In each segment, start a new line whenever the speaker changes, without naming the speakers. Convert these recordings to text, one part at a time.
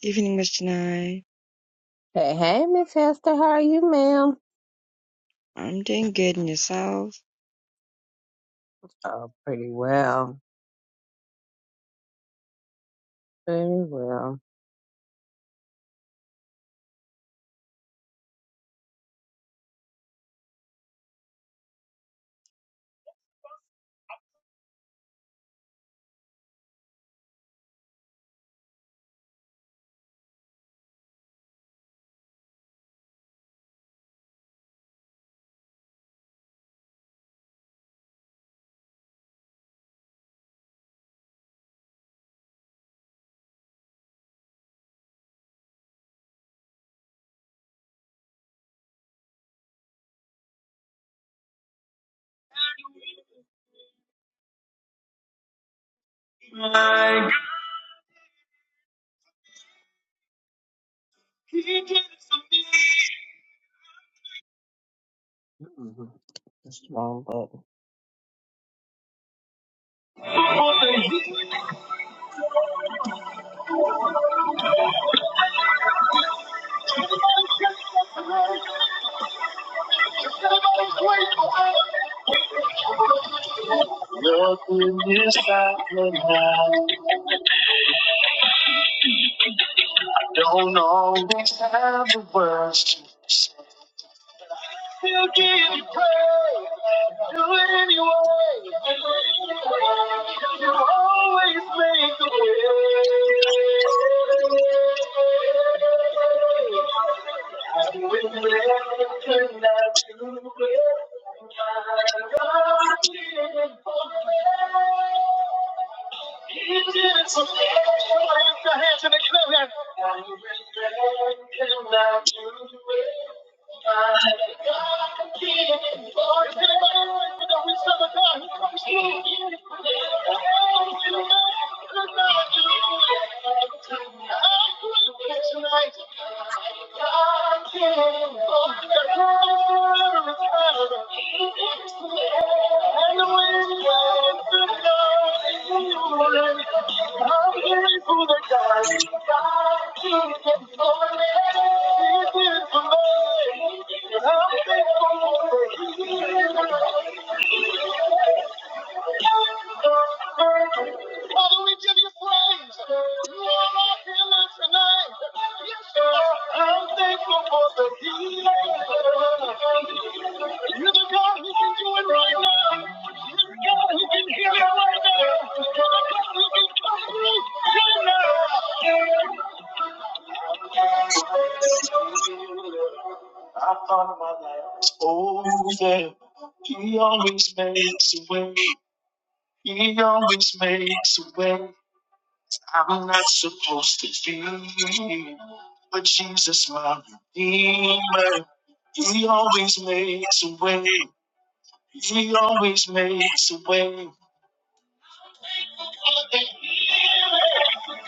Evening, Mr. Nye.
Hey, hey, Miss Hester, how are you, ma'am?
I'm doing good in yourself.
Oh, pretty well. Pretty well. My Mhm. That's the wrong button. Still give you praise. Do it anyway. You always make a way. And with everything that you give, my God is in control. I Tonight, Thank you. Father, we give you praise. You are our healer tonight. Yes, you are. I'm thankful for the healing. You're the God who can do it right now. You're the God who can heal it right now. You're the God who can come through right now. Oh, yeah. He always makes a way. He always makes a way. I'm not supposed to feel it, but Jesus, my Redeemer, He always makes a way. He always makes a way. I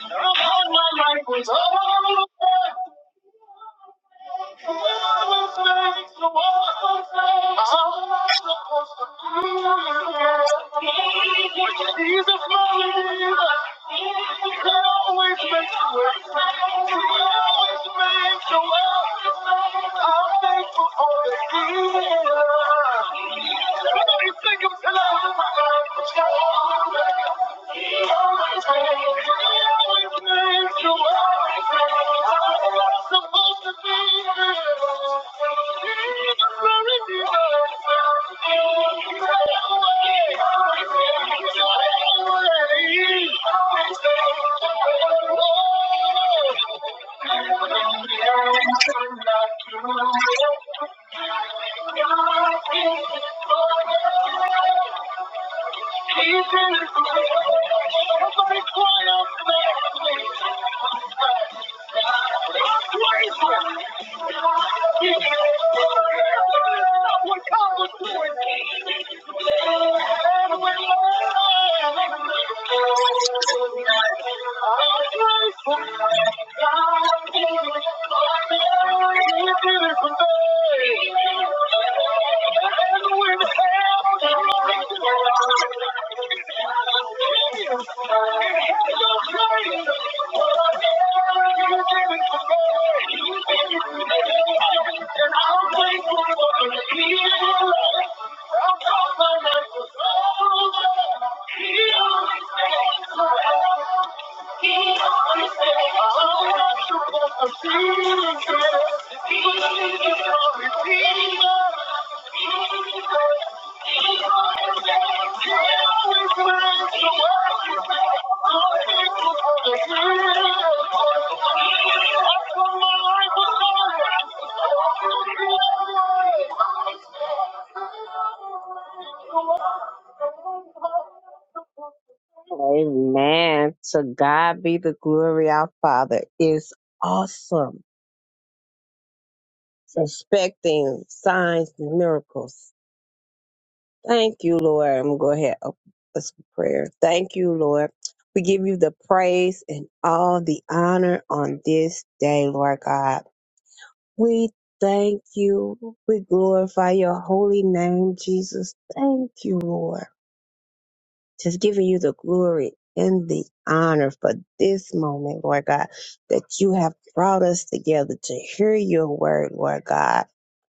thought my life was over, He always am I Thank you. Thank you. He's in his place. Somebody cry out to that place. Praise him. He is not what God was doing. And when you praise him, I'll Heal. Thank you. Amen. To God be the glory. Our Father is awesome. Expecting signs and miracles. Thank you, Lord. I'm going to go ahead and open this prayer. Thank you, Lord. We give you the praise and all the honor on this day, Lord God. We thank you. We glorify your holy name, Jesus. Thank you, Lord. just giving you the glory and the honor for this moment, Lord God, that you have brought us together to hear your word, Lord God,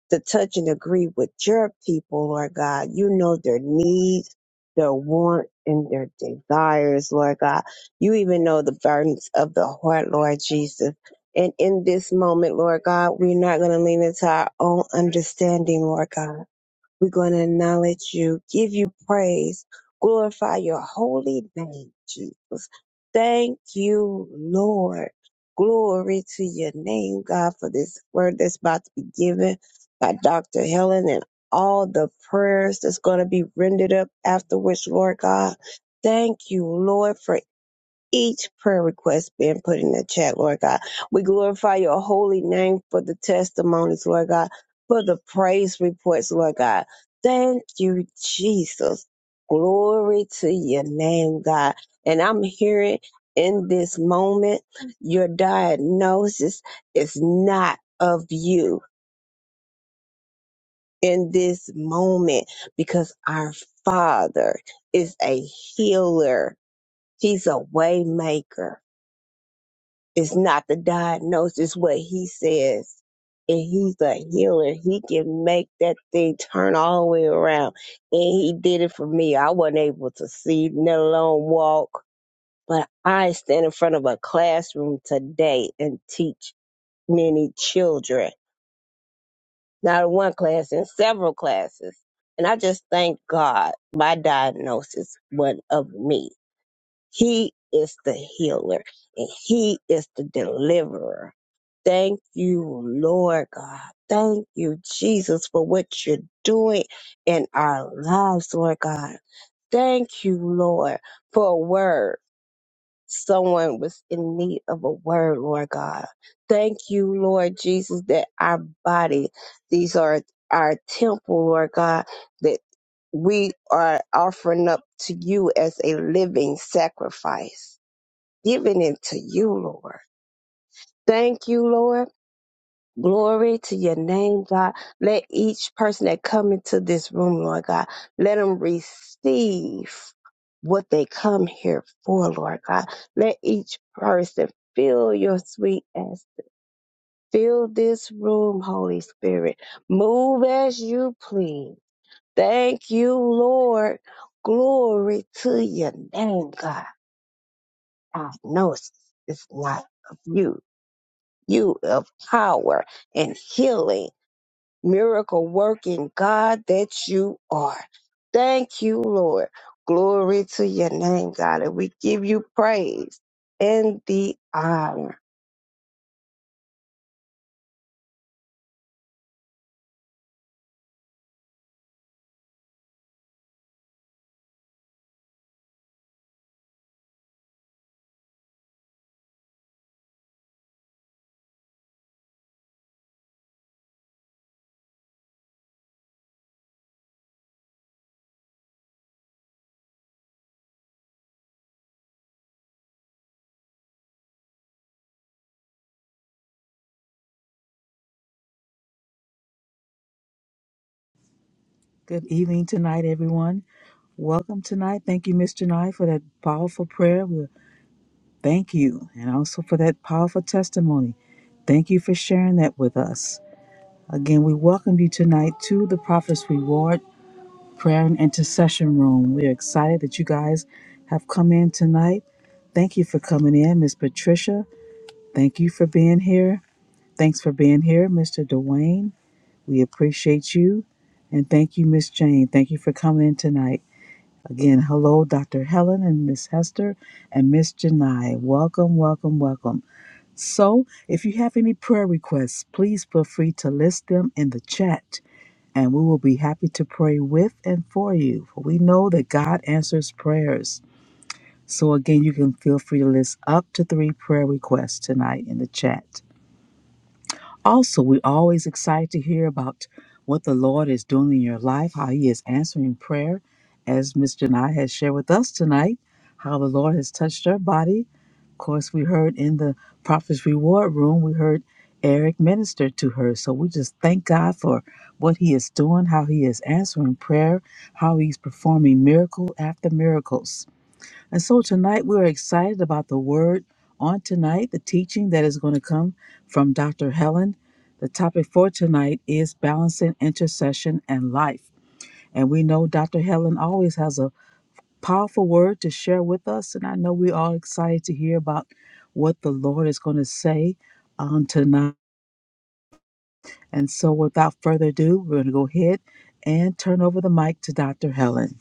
to touch and agree with your people, Lord God. You know their needs, their want, and their desires, Lord God. You even know the burdens of the heart, Lord Jesus. And in this moment, Lord God, we're not going to lean into our own understanding, Lord God we're going to acknowledge you, give you praise, glorify your holy name, Jesus. Thank you, Lord. Glory to your name, God, for this word that's about to be given by Dr. Helen and all the prayers that's going to be rendered up afterwards, Lord God. Thank you, Lord, for each prayer request being put in the chat, Lord God. We glorify your holy name for the testimonies, Lord God, for the praise reports, Lord God. Thank you, Jesus. Glory to your name, God. And I'm hearing in this moment, your diagnosis is not of you in this moment because our Father is a healer. He's a way maker. It's not the diagnosis, what he says. And he's a healer. He can make that thing turn all the way around. And he did it for me. I wasn't able to see, let alone walk. But I stand in front of a classroom today and teach many children. Not in one class, in several classes. And I just thank God my diagnosis wasn't of me he is the healer and he is the deliverer. Thank you, Lord God. Thank you, Jesus, for what you're doing in our lives, Lord God. Thank you, Lord, for a word. Someone was in need of a word, Lord God. Thank you, Lord Jesus, that our body, these are our temple, Lord God, that we are offering up to you as a living sacrifice giving it to you, Lord. Thank you, Lord. Glory to your name, God. Let each person that come into this room, Lord God, let them receive what they come here for, Lord God. Let each person feel your sweet as fill this room, Holy Spirit. Move as you please. Thank you, Lord. Glory to your name, God. I know it's it's not of you you of power and healing, miracle working God that you are. Thank you, Lord. Glory to your name, God. And we give you praise and the honor.
Good evening tonight, everyone. Welcome tonight. Thank you, Mr. Nye, for that powerful prayer. We thank you, and also for that powerful testimony. Thank you for sharing that with us. Again, we welcome you tonight to the Prophet's Reward Prayer and Intercession Room. We are excited that you guys have come in tonight. Thank you for coming in, Miss Patricia. Thank you for being here. Thanks for being here, Mr. Dwayne. We appreciate you. And thank you, Miss Jane. Thank you for coming in tonight. Again, hello, Dr. Helen and Miss Hester and Miss Janai. Welcome, welcome, welcome. So, if you have any prayer requests, please feel free to list them in the chat, and we will be happy to pray with and for you. For we know that God answers prayers. So, again, you can feel free to list up to three prayer requests tonight in the chat. Also, we're always excited to hear about what the Lord is doing in your life, how He is answering prayer, as Miss Janai has shared with us tonight, how the Lord has touched her body. Of course, we heard in the Prophet's Reward Room, we heard Eric minister to her. So we just thank God for what He is doing, how He is answering prayer, how He's performing miracle after miracles. And so tonight we're excited about the word on tonight, the teaching that is going to come from Dr. Helen. The topic for tonight is balancing intercession and life. And we know Dr. Helen always has a powerful word to share with us. And I know we're all excited to hear about what the Lord is going to say on tonight. And so without further ado, we're going to go ahead and turn over the mic to Dr. Helen.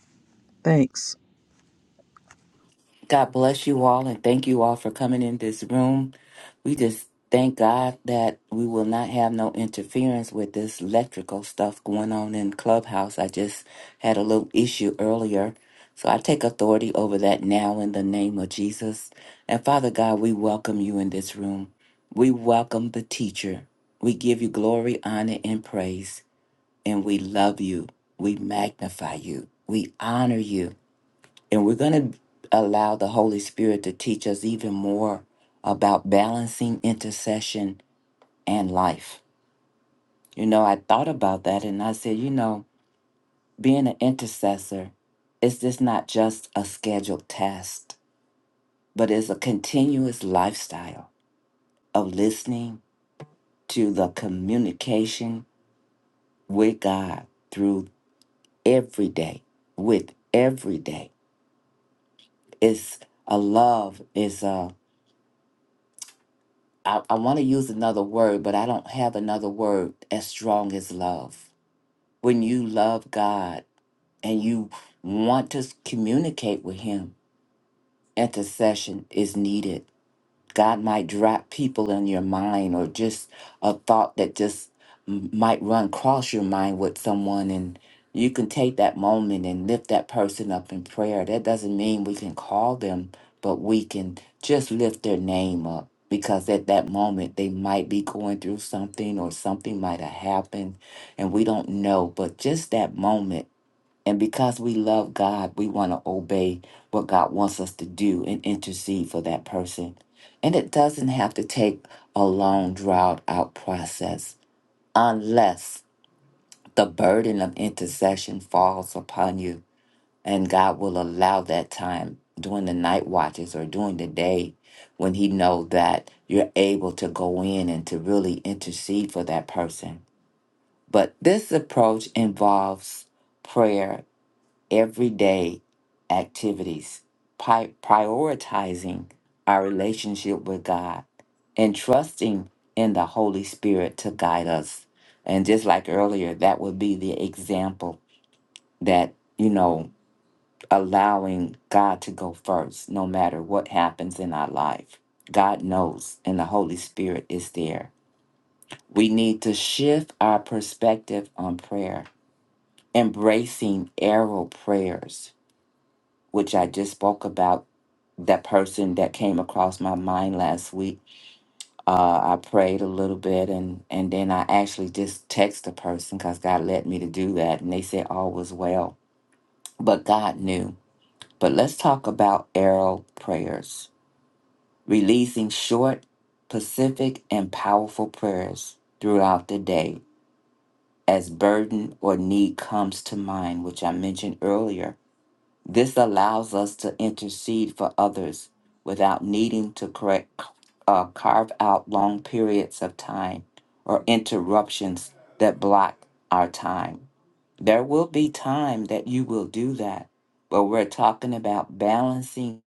Thanks.
God bless you all and thank you all for coming in this room. We just thank God that we will not have no interference with this electrical stuff going on in Clubhouse. I just had a little issue earlier. So I take authority over that now in the name of Jesus. And Father God, we welcome you in this room. We welcome the teacher. We give you glory, honor, and praise. And we love you. We magnify you. We honor you. And we're going to allow the Holy Spirit to teach us even more about balancing intercession and life. You know, I thought about that and I said, you know, being an intercessor is just not just a scheduled task, but it's a continuous lifestyle of listening to the communication with God through every day, with every day. It's a love, It's a I, I want to use another word, but I don't have another word as strong as love. When you love God and you want to s- communicate with Him, intercession is needed. God might drop people in your mind or just a thought that just m- might run across your mind with someone and you can take that moment and lift that person up in prayer. That doesn't mean we can call them, but we can just lift their name up because at that moment they might be going through something or something might have happened and we don't know. But just that moment and because we love God, we want to obey what God wants us to do and intercede for that person. And it doesn't have to take a long, drawn out process unless the burden of intercession falls upon you. And God will allow that time during the night watches or during the day when He knows that you're able to go in and to really intercede for that person. But this approach involves prayer everyday activities, pi- prioritizing our relationship with God and trusting in the Holy Spirit to guide us. And just like earlier, that would be the example that, you know, allowing God to go first, no matter what happens in our life. God knows, and the Holy Spirit is there. We need to shift our perspective on prayer, embracing arrow prayers, which I just spoke about that person that came across my mind last week. Uh, I prayed a little bit and, and then I actually just texted the person because God led me to do that. And they said all was well, but God knew. But let's talk about arrow prayers, releasing short, specific, and powerful prayers throughout the day as burden or need comes to mind, which I mentioned earlier This allows us to intercede for others without needing to correct, uh, carve out long periods of time or interruptions that block our time. There will be time that you will do that, but we're talking about balancing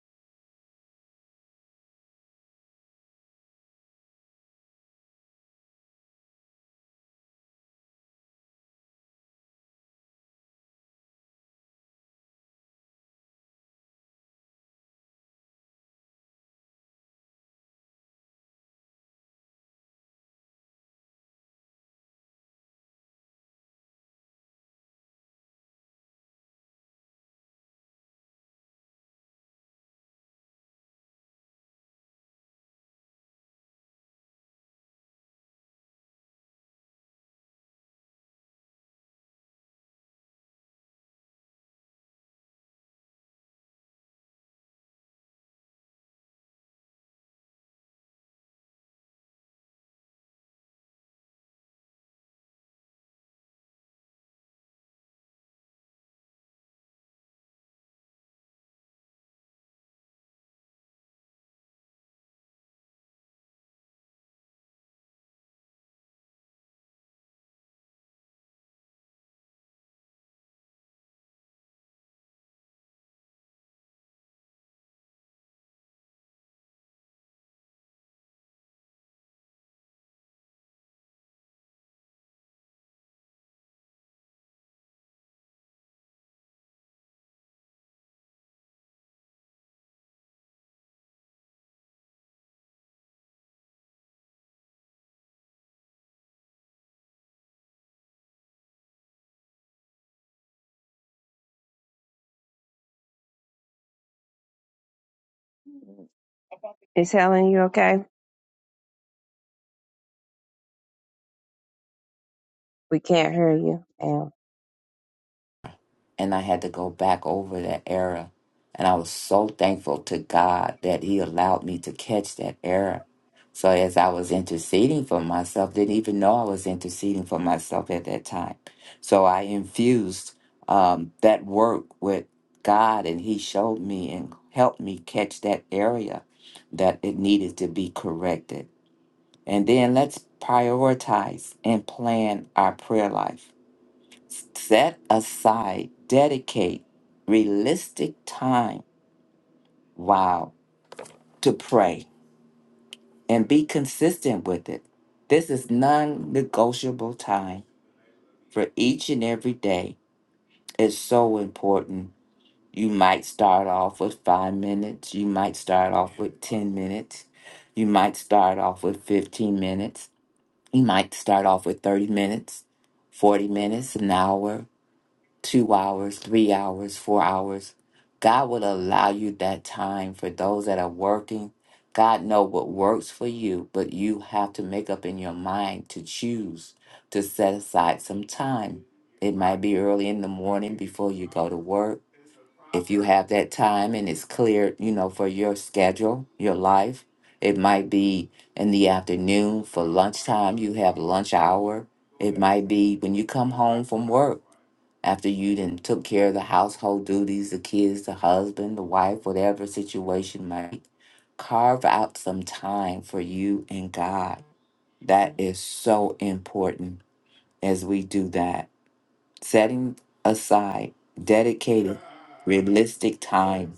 Miss Helen, you okay? We can't hear you. ma'am.
and I had to go back over that error. And I was so thankful to God that He allowed me to catch that error. So as I was interceding for myself, didn't even know I was interceding for myself at that time. So I infused um, that work with God, and He showed me and helped me catch that area that it needed to be corrected. And then let's prioritize and plan our prayer life set aside, dedicate realistic time, wow, to pray and be consistent with it. This is non negotiable time for each and every day. It's so important. You might start off with five minutes, you might start off with 10 minutes, you might start off with 15 minutes, you might start off with 30 minutes, 40 minutes, an hour, two hours, three hours, four hours. God will allow you that time for those that are working. God know what works for you, but you have to make up in your mind to choose to set aside some time. It might be early in the morning before you go to work. If you have that time and it's clear, you know, for your schedule, your life, it might be in the afternoon for lunchtime, you have lunch hour. It might be when you come home from work after you then took care of the household duties, the kids, the husband, the wife, whatever situation might carve out some time for you and God. That is so important as we do that. Setting aside dedicated, realistic time.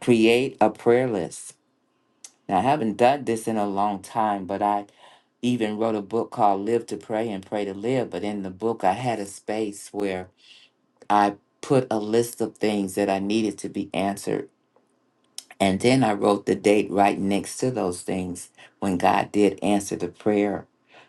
Create a prayer list. Now, I haven't done this in a long time, but I even wrote a book called Live to Pray and Pray to Live. But in the book, I had a space where I put a list of things that I needed to be answered. And then I wrote the date right next to those things when God did answer the prayer.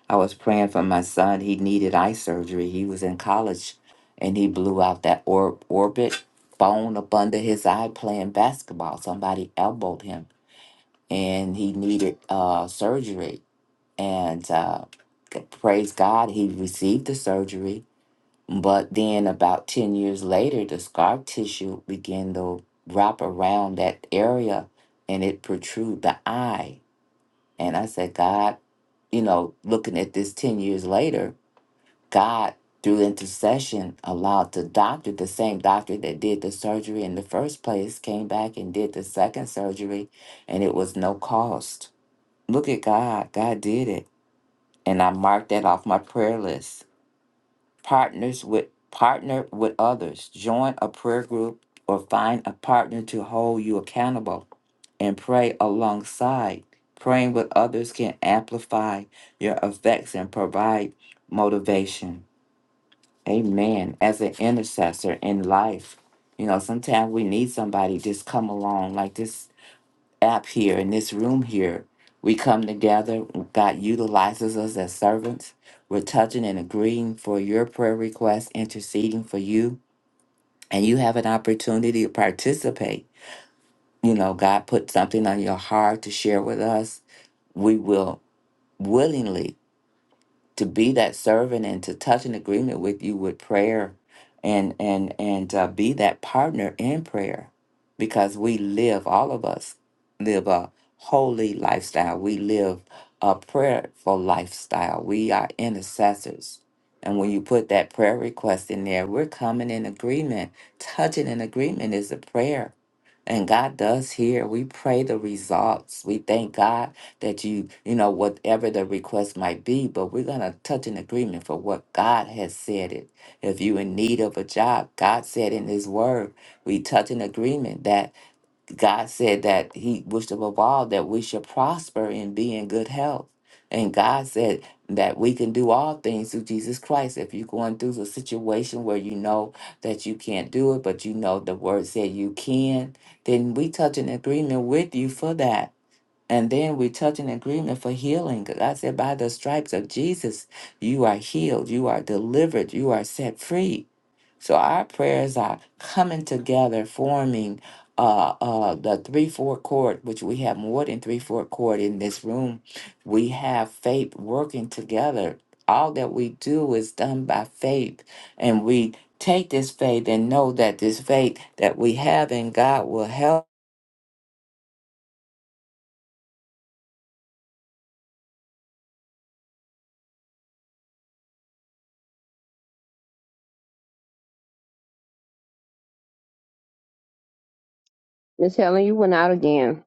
I was praying for my son. He needed eye surgery. He was in college and he blew out that or- orbit bone up under his eye playing basketball. Somebody elbowed him and he needed uh, surgery. And uh, praise God, he received the surgery but then, about 10 years later, the scar tissue began to wrap around that area and it protrude the eye. And I said, God, you know, looking at this 10 years later, God, through intercession, allowed the doctor, the same doctor that did the surgery in the first place, came back and did the second surgery, and it was no cost. Look at God. God did it. And I marked that off my prayer list partners with partner with others join a prayer group or find a partner to hold you accountable and pray alongside praying with others can amplify your effects and provide motivation amen as an intercessor in life you know sometimes we need somebody just come along like this app here, in this room here. We come together. God utilizes us as servants. We're touching and agreeing for your prayer requests, interceding for you. And you have an opportunity to participate. You know, God put something on your heart to share with us. We will willingly to be that servant and to touch an agreement with you with prayer and and and uh, be that partner in prayer because we live all of us live a holy lifestyle we live a prayerful lifestyle we are intercessors and when you put that prayer request in there we're coming in agreement touching an agreement is a prayer and God does hear. We pray the results. We thank God that you, you know, whatever the request might be, but we're going to touch an agreement for what God has said it. If you in need of a job, God said in his word, we touch an agreement that God said that he wished above all that we should prosper and be in good health. And God said that we can do all things through Jesus Christ. If you're going through a situation where you know that you can't do it, but you know the word said you can, then we touch an agreement with you for that and then we touch an agreement for healing. God said, by the stripes of Jesus, you are healed, you are delivered, you are set free. So our prayers are coming together, forming uh, uh, the three four chord, which we have more than three four chord in this room. We have faith working together. All that we do is done by faith, and we take this faith and know that this faith that we have in God will help
Miss Helen, you went out again.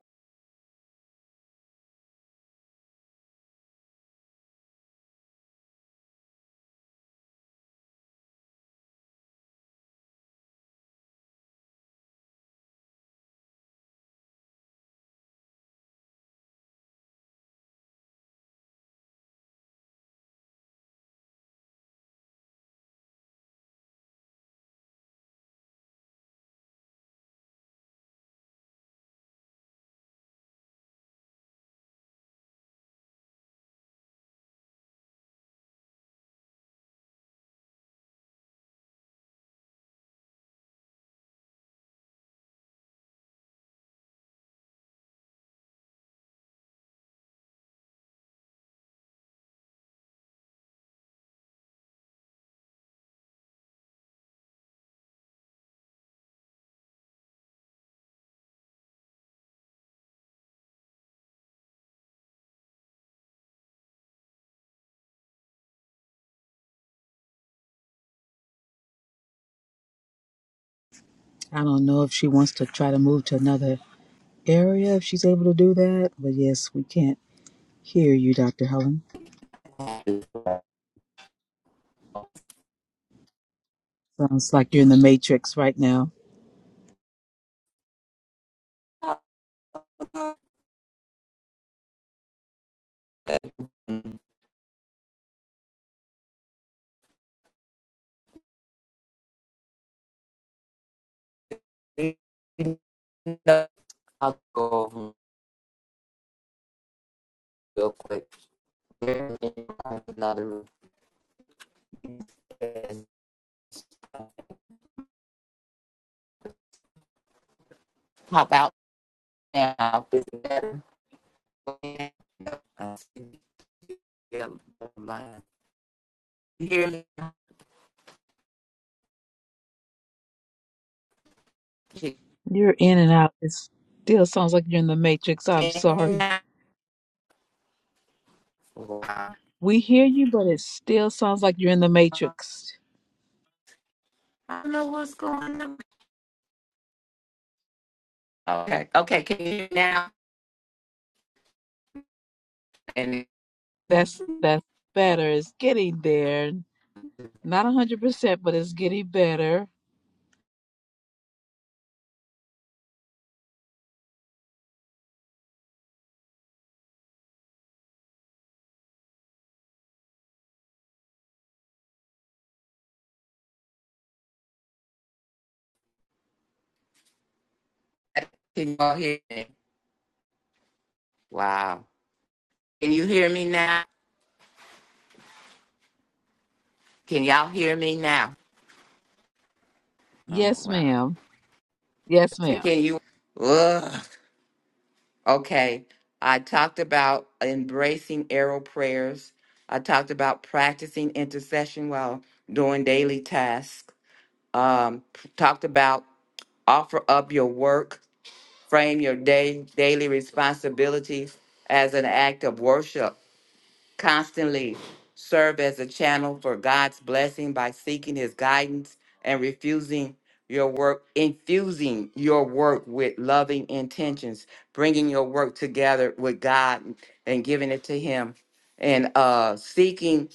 I don't know if she wants to try to move to another area if she's able to do that. But yes, we can't hear you, Dr. Helen. Sounds like you're in the matrix right now.
I'll go over 'em real quick. Another pop out now. Is it better? Uh, yeah, line. You hear me?
You're in and out. It still sounds like you're in the matrix. I'm sorry.
Wow.
We hear you, but it still sounds like you're in the matrix.
I don't know what's going on. Okay, okay, can you hear me now? And
That's that's better. It's getting there. Not a hundred percent, but it's getting better.
can y'all hear me? Wow. Can you hear me now? Can y'all hear me now? I don't know.
Yes,
Wow.
ma'am. Yes,
So
ma'am.
Can you? Ugh. Okay. I talked about embracing arrow prayers. I talked about practicing intercession while doing daily tasks. Um, talked about offer up your work, frame your day daily responsibilities as an act of worship constantly serve as a channel for God's blessing by seeking his guidance and refusing your work infusing your work with loving intentions bringing your work together with God and giving it to him and uh seeking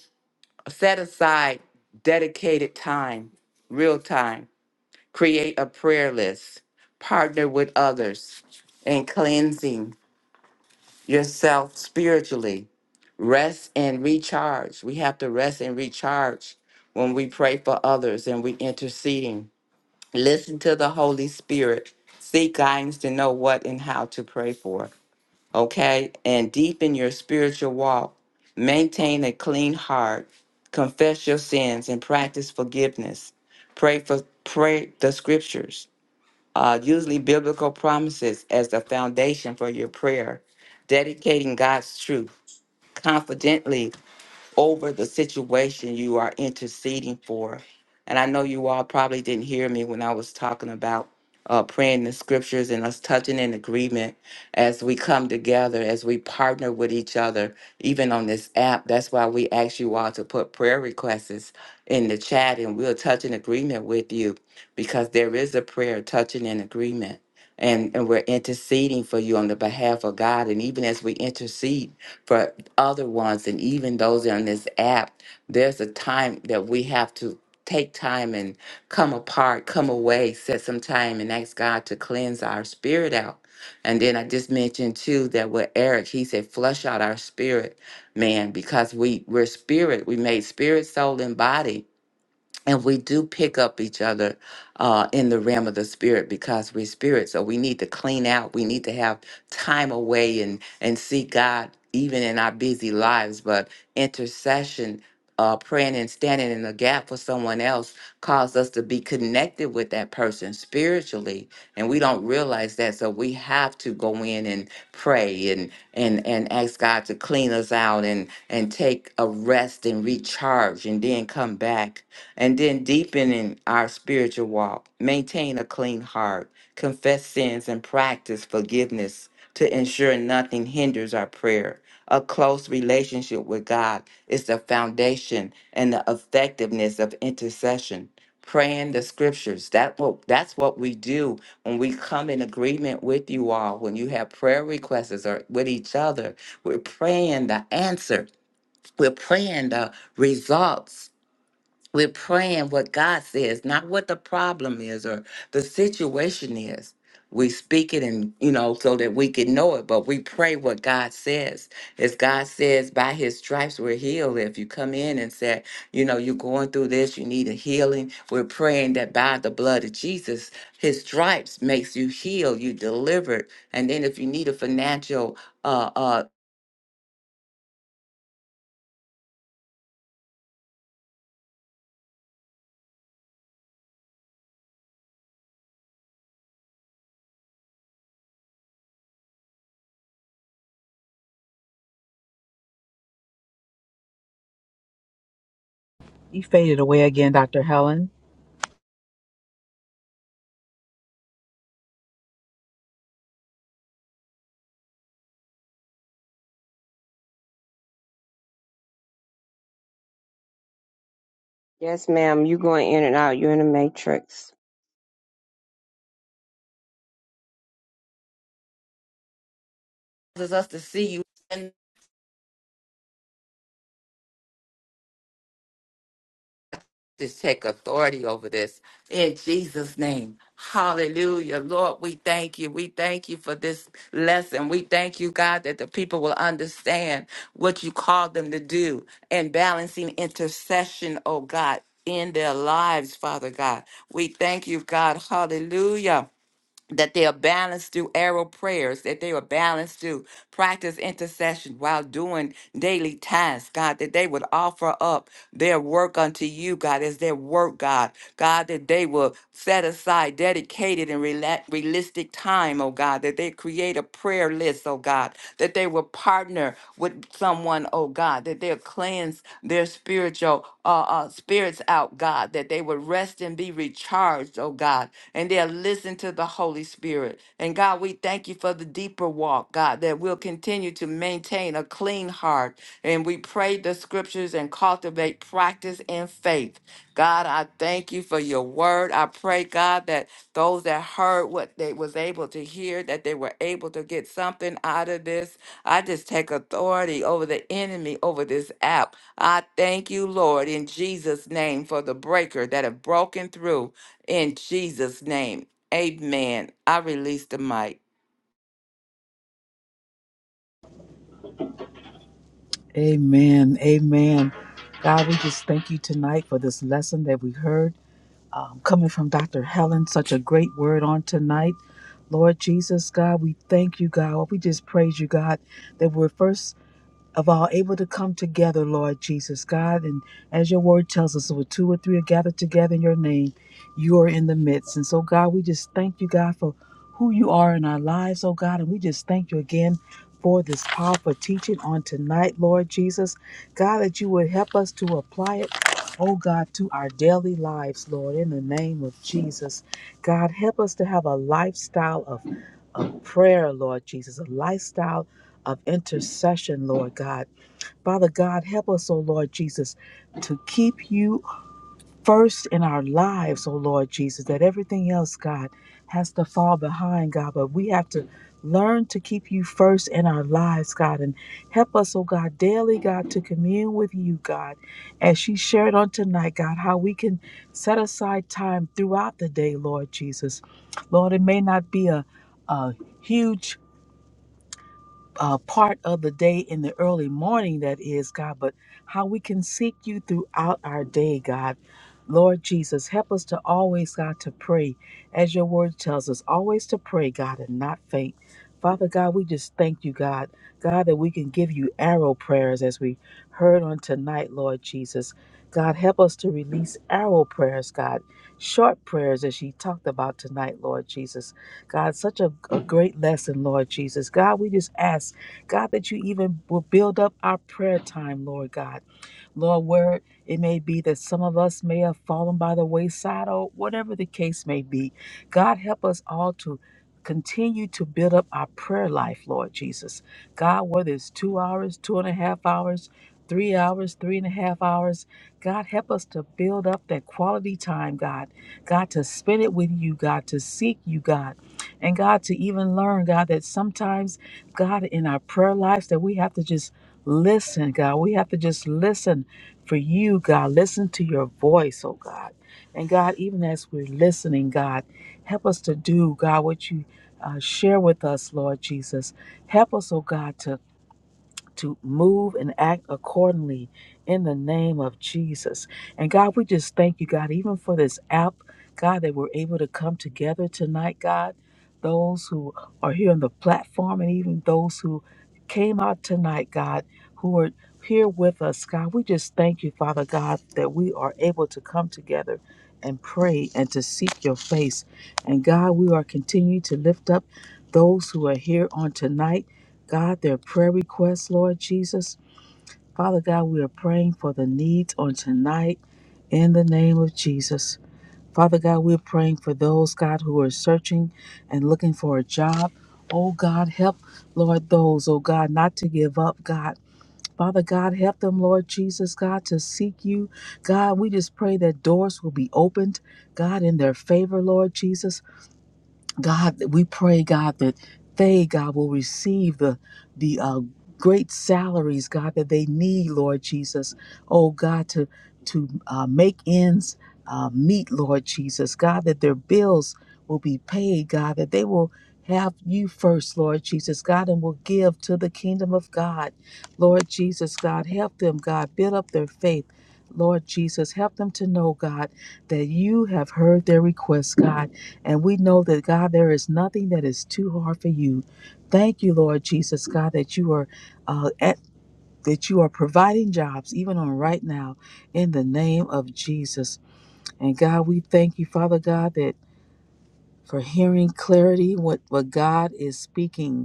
set aside dedicated time real time create a prayer list partner with others and cleansing yourself spiritually rest and recharge. We have to rest and recharge when we pray for others and we interceding. Listen to the Holy Spirit. Seek guidance to know what and how to pray for. Okay? And deepen your spiritual walk. Maintain a clean heart. Confess your sins and practice forgiveness. Pray for pray the scriptures. Uh, usually biblical promises as the foundation for your prayer. Dedicating God's truth confidently over the situation you are interceding for. And I know you all probably didn't hear me when I was talking about uh, praying the scriptures and us touching in agreement as we come together, as we partner with each other, even on this app. That's why we ask you all to put prayer requests in the chat and we'll touch in agreement with you because there is a prayer touching in agreement. And, and we're interceding for you on the behalf of God. And even as we intercede, for other ones and even those on this app there's a time that we have to take time and come apart come away set some time and ask god to cleanse our spirit out and then i just mentioned too that with eric he said flush out our spirit man because we we're spirit we made spirit soul and body and we do pick up each other uh, in the realm of the spirit because we're spirit so we need to clean out we need to have time away and and see god even in our busy lives but intercession uh, praying and standing in the gap for someone else caused us to be connected with that person spiritually and we don't realize that so we have to go in and pray and and and ask god to clean us out and and take a rest and recharge and then come back and then deepening our spiritual walk, maintain a clean heart, confess sins, and practice forgiveness to ensure nothing hinders our prayer. A close relationship with God is the foundation and the effectiveness of intercession. Praying the scriptures. That what that's what we do when we come in agreement with you all, when you have prayer requests or with each other. We're praying the answer. We're praying the results we're praying what God says, not what the problem is or the situation is. We speak it and, you know, so that we can know it, but we pray what God says. As God says, by his stripes we're healed. If you come in and say, you know, you're going through this, you need a healing, we're praying that by the blood of Jesus, his stripes makes you healed, you delivered. And then if you need a financial, uh, uh,
You faded away again, Dr. Helen.
Yes, ma'am. You going in and out. You're in the matrix.
causes us to see you. to take authority over this in Jesus' name. Hallelujah. Lord, we thank you. We thank you for this lesson. We thank you, God, that the people will understand what you called them to do and balancing intercession, oh God, in their lives, Father God. We thank you, God. Hallelujah that they are balanced through arrow prayers, that they are balanced through practice intercession while doing daily tasks, God, that they would offer up their work unto you, God, as their work, God, God, that they will set aside dedicated and rela- realistic time, oh God, that they create a prayer list, oh God, that they will partner with someone, oh God, that they'll cleanse their spiritual uh, uh, spirits out, God, that they would rest and be recharged, oh God, and they'll listen to the Holy Spirit. And God, we thank you for the deeper walk, God, that we'll continue to maintain a clean heart. And we pray the scriptures and cultivate practice and faith. God, I I thank you for your word. I pray, God, that those that heard what they was able to hear, that they were able to get something out of this. I just take authority over the enemy, over this app. I thank you, Lord, in Jesus' name for the breaker that have broken through in Jesus' name. Amen. I release the mic.
Amen. Amen. God, we just thank you tonight for this lesson that we heard. um, coming from Dr. Helen. Such a great word on tonight. Lord Jesus, God, we thank you, God. We just praise you, God, that we're first of all able to come together, Lord Jesus, God. And as your word tells us, where two or three are gathered together in your name, you are in the midst. And so, God, we just thank you, God, for who you are in our lives, oh God. And we just thank you again for this powerful teaching on tonight, Lord Jesus. God, that you would help us to apply it. Oh God, to our daily lives, Lord, in the name of Jesus. God, help us to have a lifestyle of, of prayer, Lord Jesus, a lifestyle of intercession, Lord God. Father God, help us, oh Lord Jesus, to keep you first in our lives, oh Lord Jesus, that everything else, God, has to fall behind, God, but we have to learn to keep you first in our lives, God, and help us, oh God, daily, God, to commune with you, God, as she shared on tonight, God, how we can set aside time throughout the day, Lord Jesus. Lord, it may not be a, a huge uh, part of the day in the early morning, that is, God, but how we can seek you throughout our day, God. Lord Jesus, help us to always, God, to pray, as your word tells us, always to pray, God, and not faint. Father God, we just thank you, God, God, that we can give you arrow prayers as we heard on tonight, Lord Jesus. God, help us to release arrow prayers, God, short prayers as you talked about tonight, Lord Jesus. God, such a, a great lesson, Lord Jesus. God, we just ask, God, that you even will build up our prayer time, Lord God. Lord, where it may be that some of us may have fallen by the wayside or whatever the case may be, God, help us all to continue to build up our prayer life, Lord Jesus. God, whether it's two hours, two and a half hours, three hours, three and a half hours, God, help us to build up that quality time, God. God, to spend it with you, God, to seek you, God. And God, to even learn, God, that sometimes, God, in our prayer lives, that we have to just listen, God. We have to just listen for you, God. Listen to your voice, oh God. And God, even as we're listening, God, help us to do, God, what you uh, share with us, Lord Jesus. Help us, oh God, to to move and act accordingly in the name of Jesus. And God, we just thank you, God, even for this app, God, that we're able to come together tonight, God. Those who are here on the platform and even those who came out tonight, God, who are here with us, God, we just thank you, Father God, that we are able to come together and pray and to seek your face. And God, we are continuing to lift up those who are here on tonight. God, their prayer requests, Lord Jesus. Father God, we are praying for the needs on tonight in the name of Jesus. Father God, we're praying for those, God, who are searching and looking for a job. Oh God, help, Lord, those, oh God, not to give up, God. Father God, help them, Lord Jesus, God, to seek you. God, we just pray that doors will be opened, God, in their favor, Lord Jesus. God, that we pray, God, that they, God, will receive the the uh, great salaries, God, that they need, Lord Jesus. Oh God, to to uh, make ends uh, meet, Lord Jesus. God, that their bills will be paid, God, that they will have you first, Lord Jesus, God, and will give to the kingdom of God, Lord Jesus, God, help them, God, build up their faith. Lord Jesus, help them to know, God, that you have heard their requests, God and we know that, God, there is nothing that is too hard for you. Thank you, Lord Jesus, God, that you are uh, at that you are providing jobs even on right now in the name of Jesus. And God, we thank you, Father God, that for hearing clarity what, what God is speaking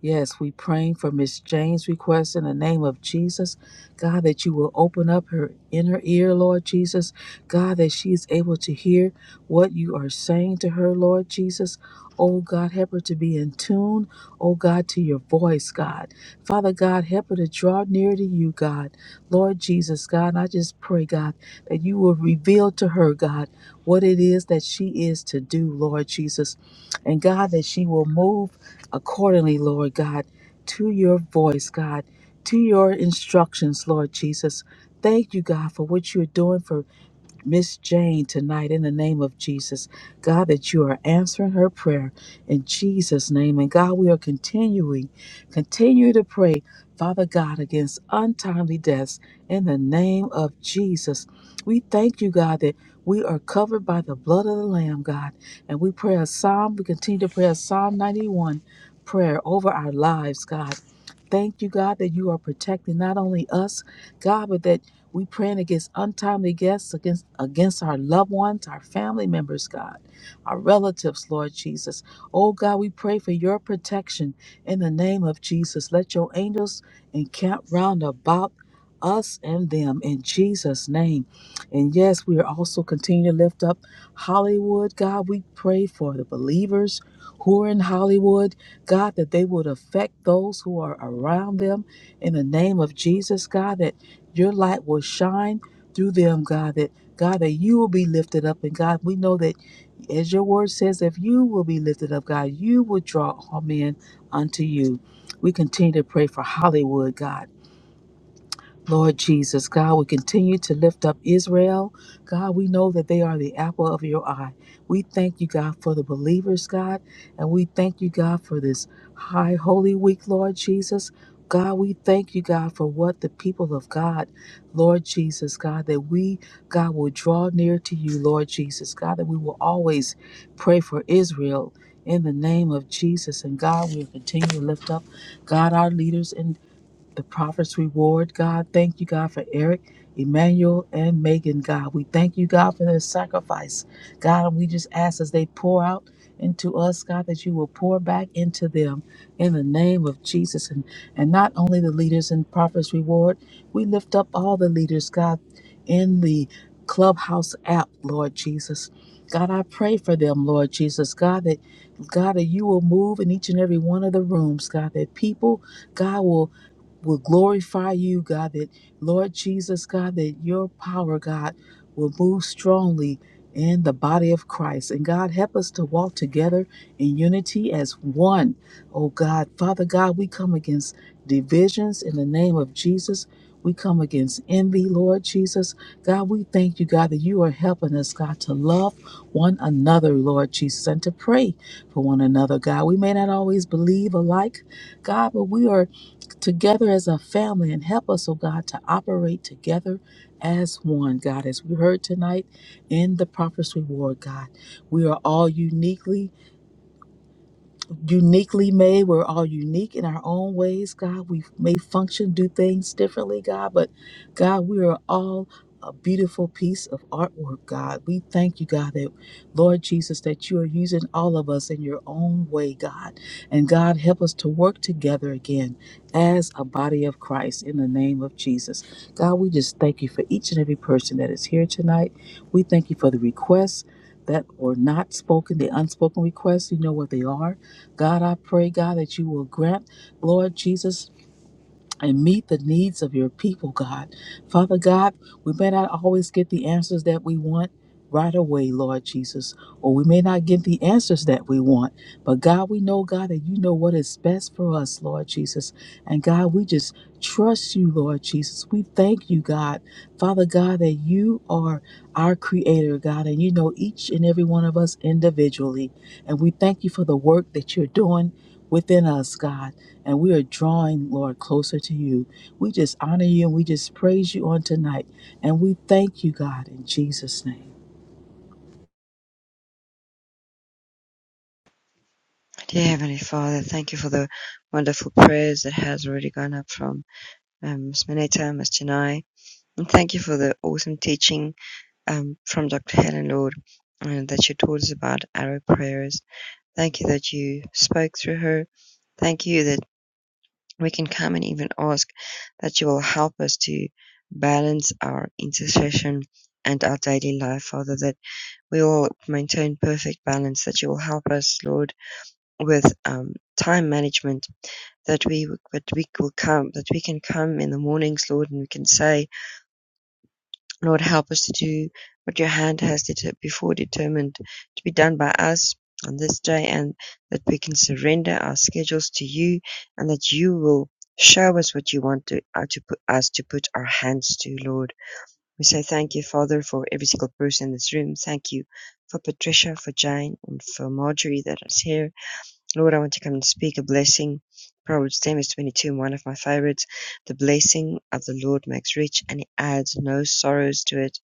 Yes, we praying for Miss Jane's request in the name of Jesus. God, that you will open up her inner ear, Lord Jesus. God, that she is able to hear what you are saying to her, Lord Jesus. Oh God, help her to be in tune, oh God, to your voice, God. Father God, help her to draw near to you, God. Lord Jesus, God, I just pray, God, that you will reveal to her, God, what it is that she is to do, Lord Jesus. And God, that she will move accordingly, Lord God, to your voice, God, to your instructions, Lord Jesus. Thank you, God, for what you're doing for Miss Jane tonight in the name of Jesus. God, that you are answering her prayer in Jesus' name. And God, we are continuing, continue to pray, Father God, against untimely deaths in the name of Jesus. We thank you, God, that we are covered by the blood of the Lamb, God. And we pray a psalm, we continue to pray a Psalm 91 prayer over our lives, God. Thank you, God, that you are protecting not only us, God, but that we praying against untimely deaths, against against our loved ones, our family members, God, our relatives, Lord Jesus. Oh God, we pray for your protection in the name of Jesus. Let your angels encamp round about us and them in Jesus' name. And yes, we are also continuing to lift up Hollywood. God, we pray for the believers who are in Hollywood. God, that they would affect those who are around them in the name of Jesus, God. That your light will shine through them, God, that God, that you will be lifted up. And God, we know that as your word says, if you will be lifted up, God, you will draw all men unto you. We continue to pray for Hollywood, God. Lord Jesus, God, we continue to lift up Israel. God, we know that they are the apple of your eye. We thank you, God, for the believers, God, and we thank you, God, for this high holy week, Lord Jesus. God, we thank you, God, for what the people of God, Lord Jesus, God, that we, God, will draw near to you, Lord Jesus, God, that we will always pray for Israel in the name of Jesus. And God, we'll continue to lift up, God, our leaders in the prophet's reward, God. Thank you, God, for Eric, Emmanuel, and Megan, God. We thank you, God, for their sacrifice, God. And we just ask as they pour out into us, God, that you will pour back into them in the name of Jesus. And, and not only the leaders in prophet's reward, we lift up all the leaders, God, in the Clubhouse app, Lord Jesus. God, I pray for them, Lord Jesus. God, that God, that you will move in each and every one of the rooms, God, that people, God, will will glorify you, God, that Lord Jesus, God, that your power, God, will move strongly in the body of Christ. And God, help us to walk together in unity as one. Oh God, Father God, we come against divisions in the name of Jesus. We come against envy, Lord Jesus. God, we thank you, God, that you are helping us, God, to love one another, Lord Jesus, and to pray for one another, God. We may not always believe alike, God, but we are together as a family and help us, oh God, to operate together as one, God. As we heard tonight in the Prophet's Reward, God, we are all uniquely uniquely made. We're all unique in our own ways, God. We may function, do things differently, God, but God, we are all a beautiful piece of artwork, God. We thank you, God, that Lord Jesus, that you are using all of us in your own way, God. And God, help us to work together again as a body of Christ in the name of Jesus. God, we just thank you for each and every person that is here tonight. We thank you for the requests that were not spoken, the unspoken requests. You know what they are. God, I pray, God, that you will grant, Lord Jesus, and meet the needs of your people, God. Father God, we may not always get the answers that we want right away, Lord Jesus, or we may not get the answers that we want. But God, we know, God, that you know what is best for us, Lord Jesus. And God, we just trust you, Lord Jesus. We thank you, God. Father God, that you are our creator, God, and you know each and every one of us individually. And we thank you for the work that you're doing within us, God. And we are drawing, Lord, closer to you. We just honor you and we just praise you on tonight. And we thank you, God, in Jesus' name.
Dear Heavenly Father, thank you for the wonderful prayers that has already gone up from um, Ms. Mineta, Mr. Nye. And thank you for the awesome teaching um, from Dr. Helen Lord uh, that you taught us about arrow prayers. Thank you that you spoke through her. Thank you that we can come and even ask that you will help us to balance our intercession and our daily life, Father, that we all maintain perfect balance that you will help us, Lord, with um, time management. That we that we will come that we can come in the mornings, Lord, and we can say, Lord, help us to do what Your hand has det- before determined to be done by us on this day, and that we can surrender our schedules to You, and that You will show us what You want to, uh, to put us to put our hands to, Lord we say thank you, Father, for every single person in this room. Thank you for Patricia, for Jane, and for Marjorie that is here. Lord, I want to come and speak a blessing. Proverbs 10 is 22, one of my favorites. The blessing of the Lord makes rich and he adds no sorrows to it.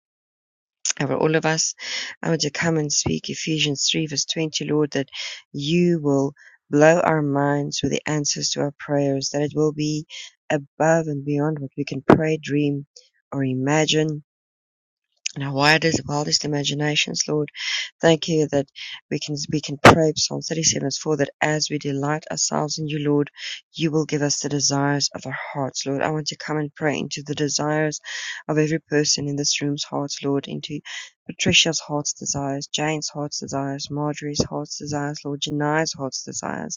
Over all of us, I want to come and speak Ephesians 3, verse 20, Lord, that you will blow our minds with the answers to our prayers, that it will be above and beyond what we can pray, dream, or imagine now, wide is the wildest imaginations, Lord. Thank you that we can we can pray Psalm 37 verse 4 that as we delight ourselves in you, Lord, you will give us the desires of our hearts, Lord. I want to come and pray into the desires of every person in this room's hearts, Lord, into Patricia's heart's desires, Jane's heart's desires, Marjorie's heart's desires, Lord, Janai's heart's desires.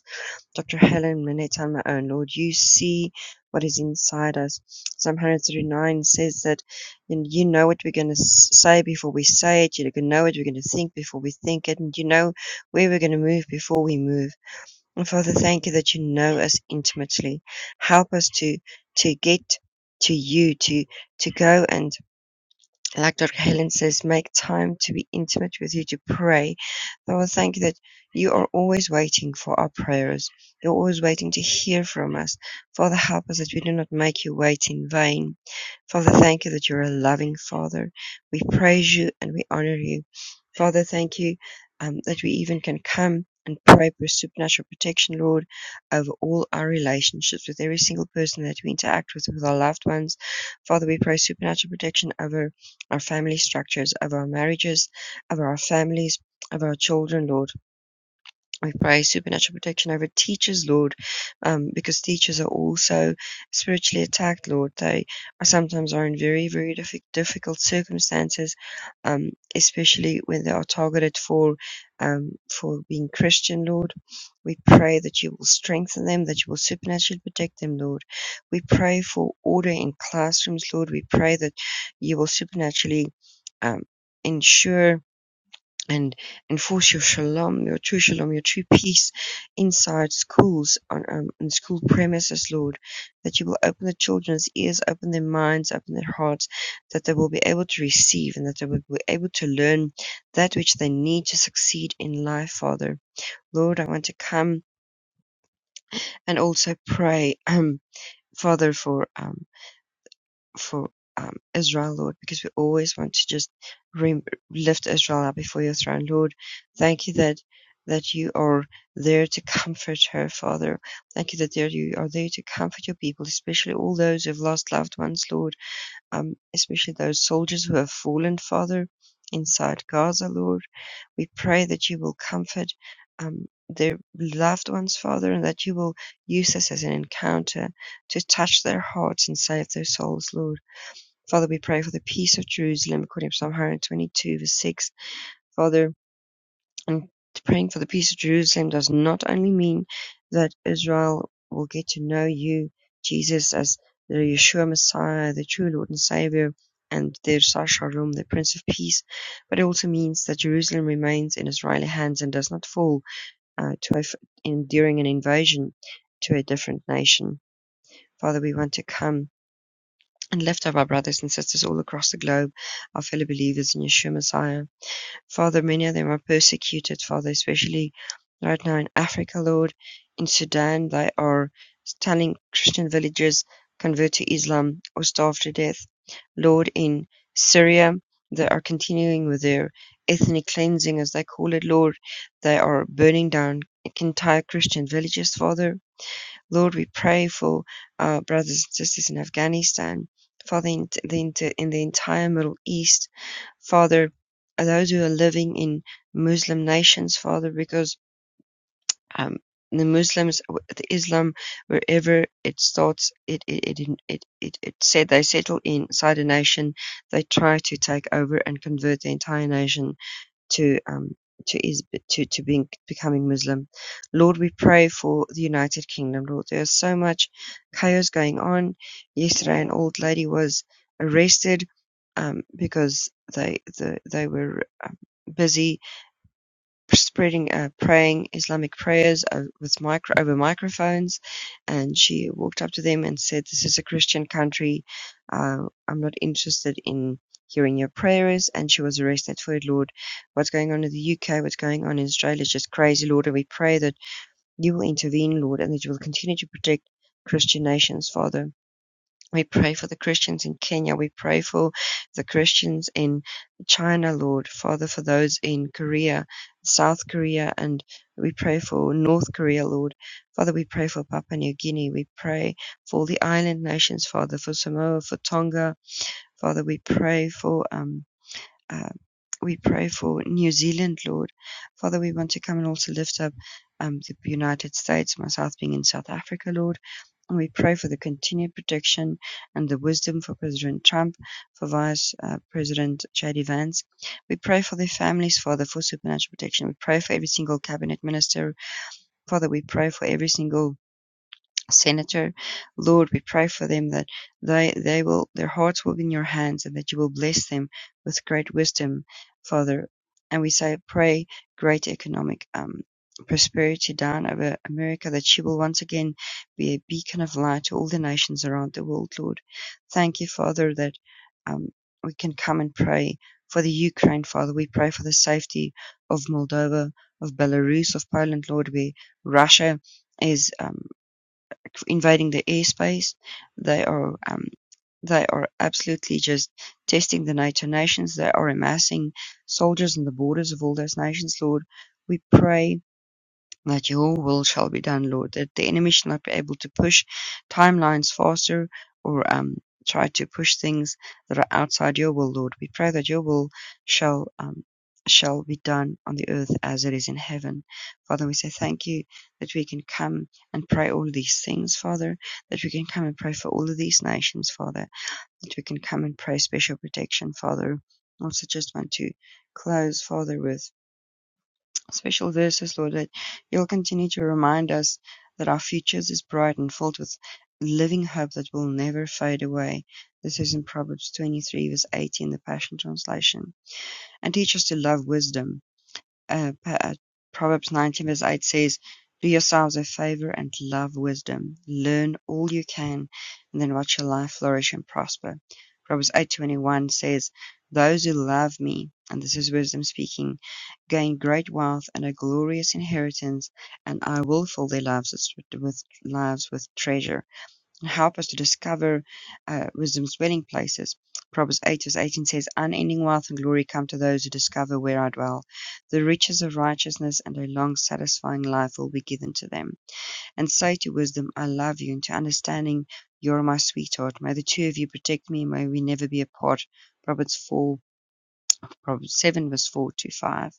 Dr. Helen Minette, on my own, Lord, you see what is inside us. Psalm 139 says that you know what we're going to say before we say it. You know what we're going to think before we think it. And you know where we're going to move before we move. And Father, thank you that you know us intimately. Help us to, to get to you, to, to go and like Dr. Helen says, make time to be intimate with you to pray. Lord, thank you that you are always waiting for our prayers. You're always waiting to hear from us. Father, help us that we do not make you wait in vain. Father, thank you that you're a loving Father. We praise you and we honor you. Father, thank you um, that we even can come and pray for supernatural protection, Lord, over all our relationships with every single person that we interact with, with our loved ones. Father, we pray supernatural protection over our family structures, of our marriages, of our families, of our children, Lord. We pray supernatural protection over teachers, Lord, um, because teachers are also spiritually attacked, Lord. They are sometimes are in very, very diffi- difficult circumstances, um, especially when they are targeted for um, for being Christian, Lord. We pray that you will strengthen them, that you will supernaturally protect them, Lord. We pray for order in classrooms, Lord. We pray that you will supernaturally um, ensure and enforce your shalom, your true shalom, your true peace inside schools on um, in school premises, Lord, that you will open the children's ears, open their minds, open their hearts, that they will be able to receive and that they will be able to learn that which they need to succeed in life, Father. Lord, I want to come and also pray, um, Father, for um, for um, Israel, Lord, because we always want to just re- lift Israel up before your throne, Lord. Thank you that that you are there to comfort her, Father. Thank you that there you are there to comfort your people, especially all those who've lost loved ones, Lord. Um, especially those soldiers who have fallen, Father, inside Gaza, Lord. We pray that you will comfort um, their loved ones, Father, and that you will use this as an encounter to touch their hearts and save their souls, Lord. Father, we pray for the peace of Jerusalem according to Psalm 122, verse 6. Father, and praying for the peace of Jerusalem does not only mean that Israel will get to know you, Jesus, as the Yeshua Messiah, the true Lord and Savior, and their Sar Shalom, the Prince of Peace, but it also means that Jerusalem remains in Israeli hands and does not fall uh, to a, f- in, during an invasion to a different nation. Father, we want to come and left of our brothers and sisters all across the globe, our fellow believers in Yeshua Messiah. Father, many of them are persecuted, Father, especially right now in Africa, Lord, in Sudan, they are telling Christian villagers convert to Islam or starve to death. Lord, in Syria, they are continuing with their ethnic cleansing, as they call it, Lord. They are burning down entire Christian villages, Father. Lord, we pray for our brothers and sisters in Afghanistan, Father, in the, in the entire Middle East, Father, those who are living in Muslim nations, Father, because um, the Muslims, the Islam, wherever it starts, it it it it, it, it said they settle inside a nation, they try to take over and convert the entire nation to um, to is to to being becoming Muslim. Lord, we pray for the United Kingdom. Lord, there's so much chaos going on. Yesterday, an old lady was arrested um, because they the, they were um, busy spreading uh, praying Islamic prayers uh, with micro over microphones, and she walked up to them and said, "This is a Christian country. Uh, I'm not interested in." Hearing your prayers, and she was arrested for it, Lord. What's going on in the UK, what's going on in Australia is just crazy, Lord. And we pray that you will intervene, Lord, and that you will continue to protect Christian nations, Father. We pray for the Christians in Kenya. We pray for the Christians in China, Lord. Father, for those in Korea, South Korea, and we pray for North Korea, Lord. Father, we pray for Papua New Guinea. We pray for the island nations, Father, for Samoa, for Tonga. Father, we pray for, um, uh, we pray for New Zealand, Lord. Father, we want to come and also lift up um, the United States, myself being in South Africa, Lord. And We pray for the continued protection and the wisdom for President Trump, for Vice uh, President J.D. Vance. We pray for their families, Father, for supernatural protection. We pray for every single cabinet minister. Father, we pray for every single Senator, Lord, we pray for them that they, they will, their hearts will be in your hands and that you will bless them with great wisdom, Father. And we say, pray great economic um, prosperity down over America, that she will once again be a beacon of light to all the nations around the world, Lord. Thank you, Father, that um, we can come and pray for the Ukraine, Father. We pray for the safety of Moldova, of Belarus, of Poland, Lord, where Russia is. Um, invading the airspace. They are um, they are absolutely just testing the NATO nations. They are amassing soldiers on the borders of all those nations. Lord, we pray that your will shall be done, Lord, that the enemy should not be able to push timelines faster or um, try to push things that are outside your will, Lord. We pray that your will shall um, shall be done on the earth as it is in heaven. Father, we say thank you that we can come and pray all these things, Father, that we can come and pray for all of these nations, Father, that we can come and pray special protection, Father. Also just want to close, Father, with Special verses, Lord, that you'll continue to remind us that our future is bright and filled with living hope that will never fade away. This is in Proverbs 23, verse 18, the Passion Translation. And teach us to love wisdom uh, uh, Proverbs 19, verse 8 says, Do yourselves a favor and love wisdom. Learn all you can, and then watch your life flourish and prosper. Proverbs 8:21 says, "Those who love me, and this is wisdom speaking, gain great wealth and a glorious inheritance, and I will fill their lives with, with lives with treasure." help us to discover uh, wisdom's dwelling places. Proverbs 8 verse 18 says, Unending wealth and glory come to those who discover where I dwell. The riches of righteousness and a long, satisfying life will be given to them. And say to wisdom, I love you, and to understanding, You're my sweetheart. May the two of you protect me, and may we never be apart. Proverbs 4, Proverbs 7, verse 4 to 5.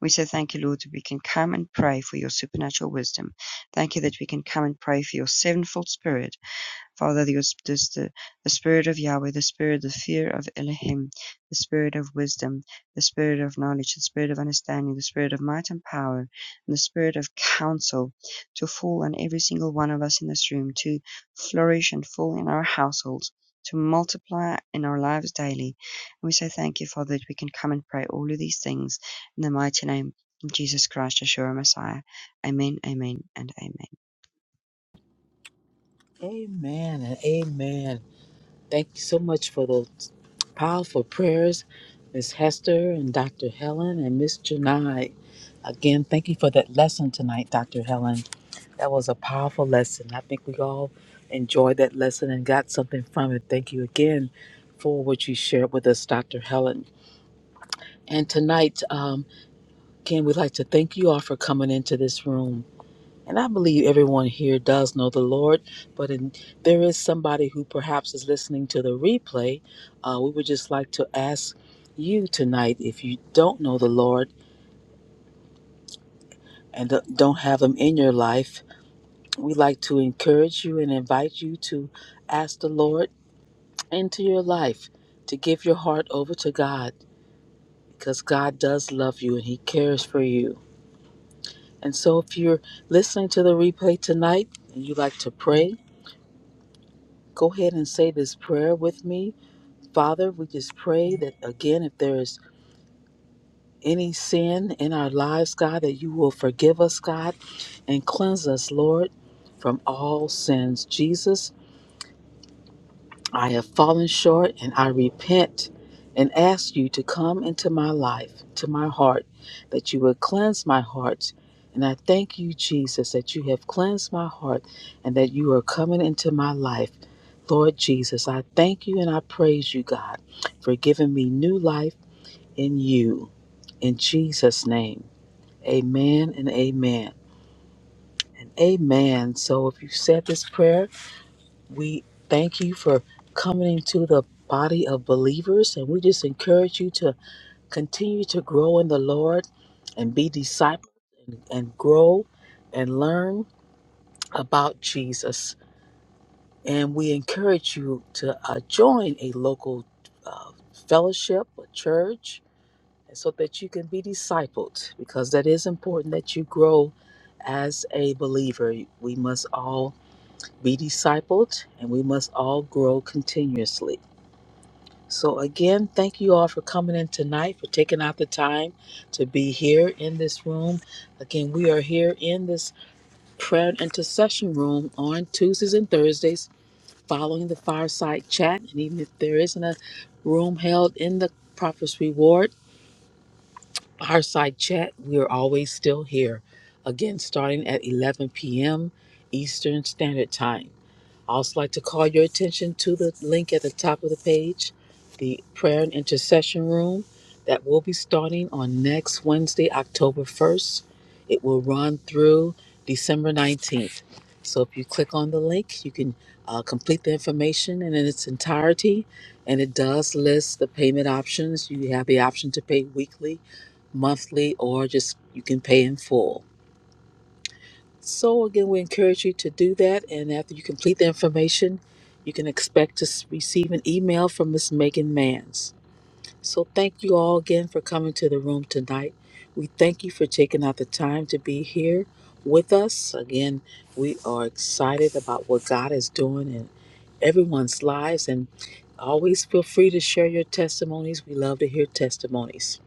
We say, Thank you, Lord, that we can come and pray for your supernatural wisdom. Thank you that we can come and pray for your sevenfold spirit Father, Dios, this, the, the Spirit of Yahweh, the Spirit, the fear of Elohim, the Spirit of wisdom, the Spirit of knowledge, the Spirit of understanding, the Spirit of might and power, and the Spirit of counsel to fall on every single one of us in this room, to flourish and fall in our households, to multiply in our lives daily. And we say thank you, Father, that we can come and pray all of these things in the mighty name of Jesus Christ, Yeshua Messiah. Amen, amen, and amen.
Amen and amen. Thank you so much for those powerful prayers, Miss Hester and Dr. Helen and Miss Janai. Again, thank you for that lesson tonight, Dr. Helen. That was a powerful lesson. I think we all enjoyed that lesson and got something from it. Thank you again for what you shared with us, Dr. Helen. And tonight, um, again, we'd like to thank you all for coming into this room. And I believe everyone here does know the Lord, but in, there is somebody who perhaps is listening to the replay. Uh, we would just like to ask you tonight if you don't know the Lord and don't don't have Him in your life, we'd like to encourage you and invite you to ask the Lord into your life to give your heart over to God because God does love you and He cares for you. And so, if you're listening to the replay tonight and you like to pray, go ahead and say this prayer with me. Father, we just pray that again, if there is any sin in our lives, God, that you will forgive us, God, and cleanse us, Lord, from all sins. Jesus, I have fallen short and I repent and ask you to come into my life, to my heart, that you would cleanse my heart. And I thank you, Jesus, that you have cleansed my heart and that you are coming into my life. Lord Jesus, I thank you and I praise you, God, for giving me new life in you. In Jesus' name, amen and amen and amen. So if you said this prayer, we thank you for coming into the body of believers, and we just encourage you to continue to grow in the Lord and be disciples and, and grow and learn about Jesus. And we encourage you to uh, join a local uh, fellowship, a church, so that you can be discipled, because that is important that you grow as a believer. We must all be discipled and we must all grow continuously. So, again, thank you all for coming in tonight, for taking out the time to be here in this room. Again, we are here in this prayer and intercession room on Tuesdays and Thursdays following the fireside chat. And even if there isn't a room held in the Prophet's Reward, Fireside Chat. We're always still here. Again, starting at 11 p.m. Eastern Standard Time. I also like to call your attention to the link at the top of the page, the prayer and intercession room that will be starting on next Wednesday, October 1st. It will run through December 19th. So if you click on the link, you can uh, complete the information and in its entirety. And it does list the payment options. You have the option to pay weekly monthly or just you can pay in full. So again, we encourage you to do that and after you complete the information, you can expect to s- receive an email from Miss Megan Manns. So thank you all again for coming to the room tonight. We thank you for taking out the time to be here with us. Again, we are excited about what God is doing in everyone's lives and always feel free to share your testimonies. We love to hear testimonies.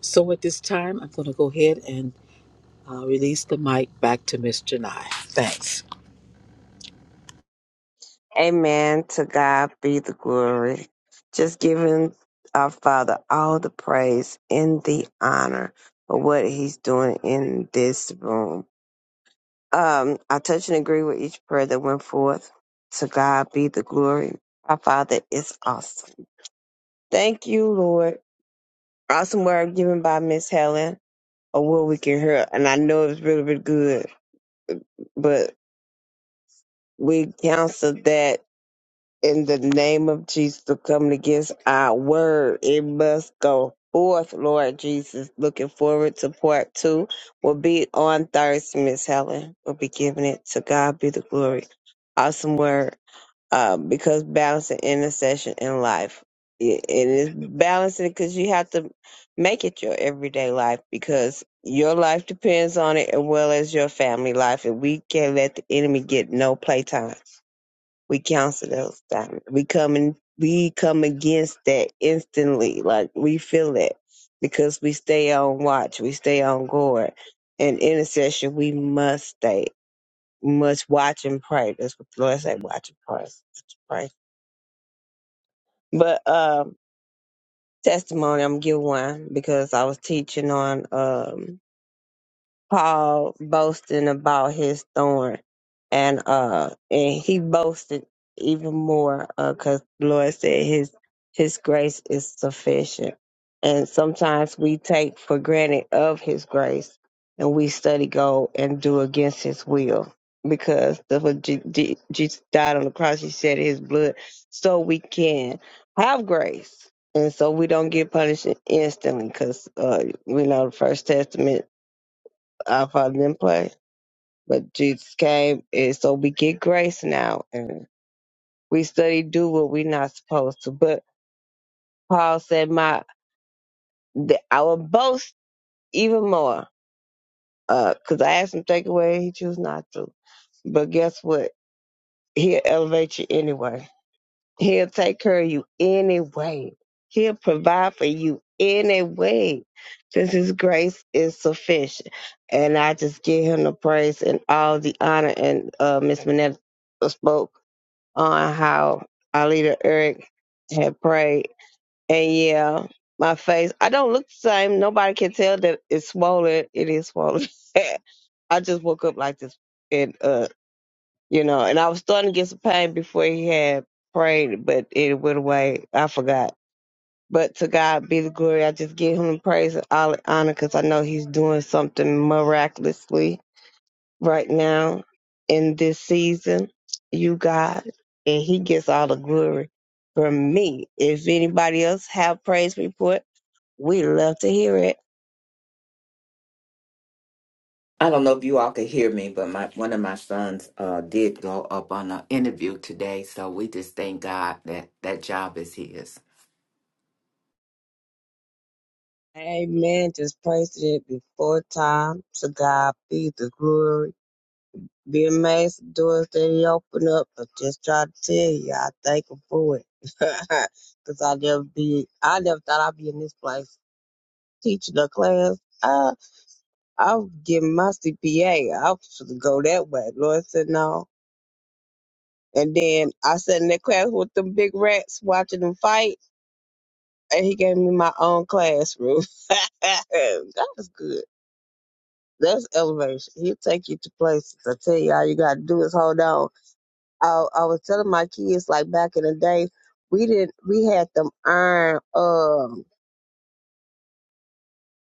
So at this time, I'm going to go ahead and I'll release the mic back to Miss Janai. Thanks.
Amen. To God be the glory. Just giving our Father all the praise and the honor for what He's doing in this room. Um, I touch and agree with each prayer that went forth. To God be the glory. Our Father is awesome. Thank you, Lord. Awesome word given by Miss Helen, or what we can hear. And I know it's really, really good, but we counsel that. in the name of Jesus to come against our word. It must go forth, Lord Jesus. Looking forward to part two. Will be on Thursday, Miss Helen. We'll be giving it to God be the glory. Awesome word. Uh, because balancing intercession in life. It, it is balancing because you have to make it your everyday life because your life depends on it as well as your family life. And we can't let the enemy get no playtime we counsel those things. We come and we come against that instantly. Like we feel it because we stay on watch, we stay on guard. In intercession, we must stay, must watch and pray. That's what the Lord said: watch and pray. Watch and pray. But um, testimony, I'm gonna give one because I was teaching on. um Paul boasting about his thorn, and uh, and he boasted even more because the Lord said his his grace is sufficient, and sometimes we take for granted of his grace, and we study go and do against his will because the what Je- Je- Jesus died on the cross, he shed his blood so we can have grace. And so we don't get punished instantly, because uh, we know the First Testament I've heard them play. But Jesus came, and so we get grace now, and we study do what we're not supposed to. But Paul said, "My, the, I will boast even more, because I asked him to take away, he chose not to. But guess what? He'll elevate you anyway. He'll take care of you anyway. He'll provide for you anyway. Since his grace is sufficient. And I just give him the praise and all the honor. And uh Miss Minette spoke on how our leader Eric had prayed. And yeah, my face I don't look the same. Nobody can tell that it's swollen. It is swollen. I just woke up like this And uh you know. And I was starting to get some pain before he had prayed, but it went away. I forgot. But to God be the glory. I just give him praise and all honor because I know he's doing something miraculously right now in this season. You God, and he gets all the glory from me. If anybody else have praise report, we love to hear it.
I don't know if you all could hear me, but my one of my sons uh, did go up on an interview today, so we just thank God that that job is his.
Amen. Just praise it before time. To God be the glory. Be amazed the doors that he opened up. I just try to tell you, I thank him for it. Cause I never be, I never thought I'd be in this place teaching a class. I, I was getting my CPA. I was supposed to go that way. Lord said no. And then I sat in that class with them big rats watching them fight, and he gave me my own classroom. that was good. That's elevation. He'll take you to places. I tell you, all you gotta do is hold on I, I was telling my kids like back in the day, we didn't we had them iron um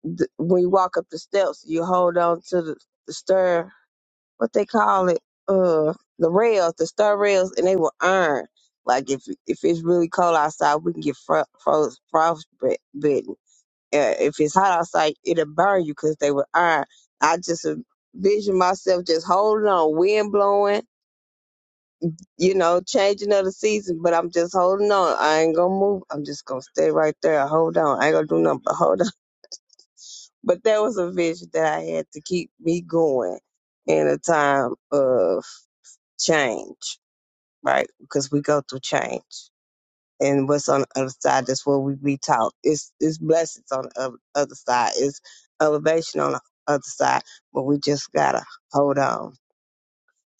th- when you walk up the steps, you hold on to the, the stir what they call it uh the rails, the stir rails, and they were iron. Like if if it's really cold outside, we can get fro- froze frostbitten. Uh, if it's hot outside, it'll burn you because they were iron. I just envision myself just holding on, wind blowing you know, changing of the season, but I'm just holding on. I ain't gonna move. I'm just gonna stay right there. Hold on. I ain't gonna do nothing but hold on. But that was a vision that I had to keep me going in a time of change, right? Because we go through change. And what's on the other side, that's what we be taught. It's it's blessings on the oth- other side. It's elevation on the other side. But we just gotta hold on.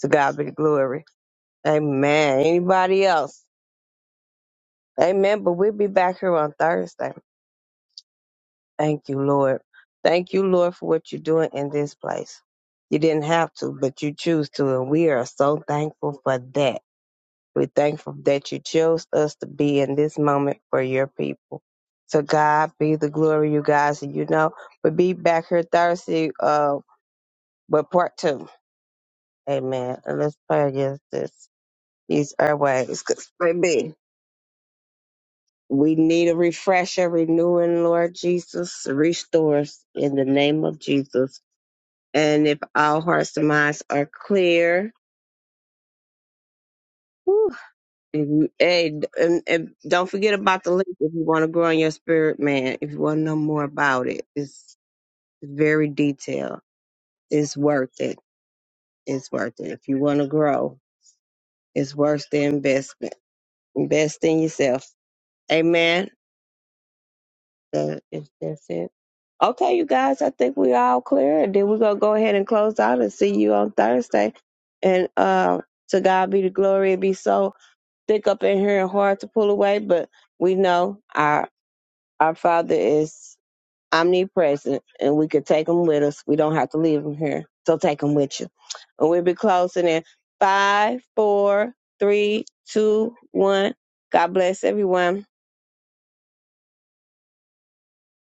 To God be the glory. Amen. Anybody else? Amen. But we'll be back here on Thursday. Thank you, Lord. Thank you, Lord, for what you're doing in this place. You didn't have to, but you choose to, and we are so thankful for that. We're thankful that you chose us to be in this moment for your people. So God be the glory, you guys. And you know, we'll be back here Thursday, uh, with part two. Amen. And let's pray against this. These airways, cause baby. We need a refresher, renewing, Lord Jesus. Restore us in the name of Jesus. And if our hearts and minds are clear, whew, if you- hey, and, and don't forget about the link if you want to grow in your spirit, man. If you want to know more about it, it's very detailed. It's worth it. It's worth it. If you want to grow, it's worth the investment. Invest in yourself. Amen. that if that's it. Okay, you guys, I think we're all clear. And then we're gonna go ahead and close out and see you on Thursday. And uh, to God be the glory. It be so thick up in here and hard to pull away, but we know our our Father is omnipresent, and we could take him with us. We don't have to leave him here, so take him with you. And we'll be closing in five, four, three, two, one. God bless everyone.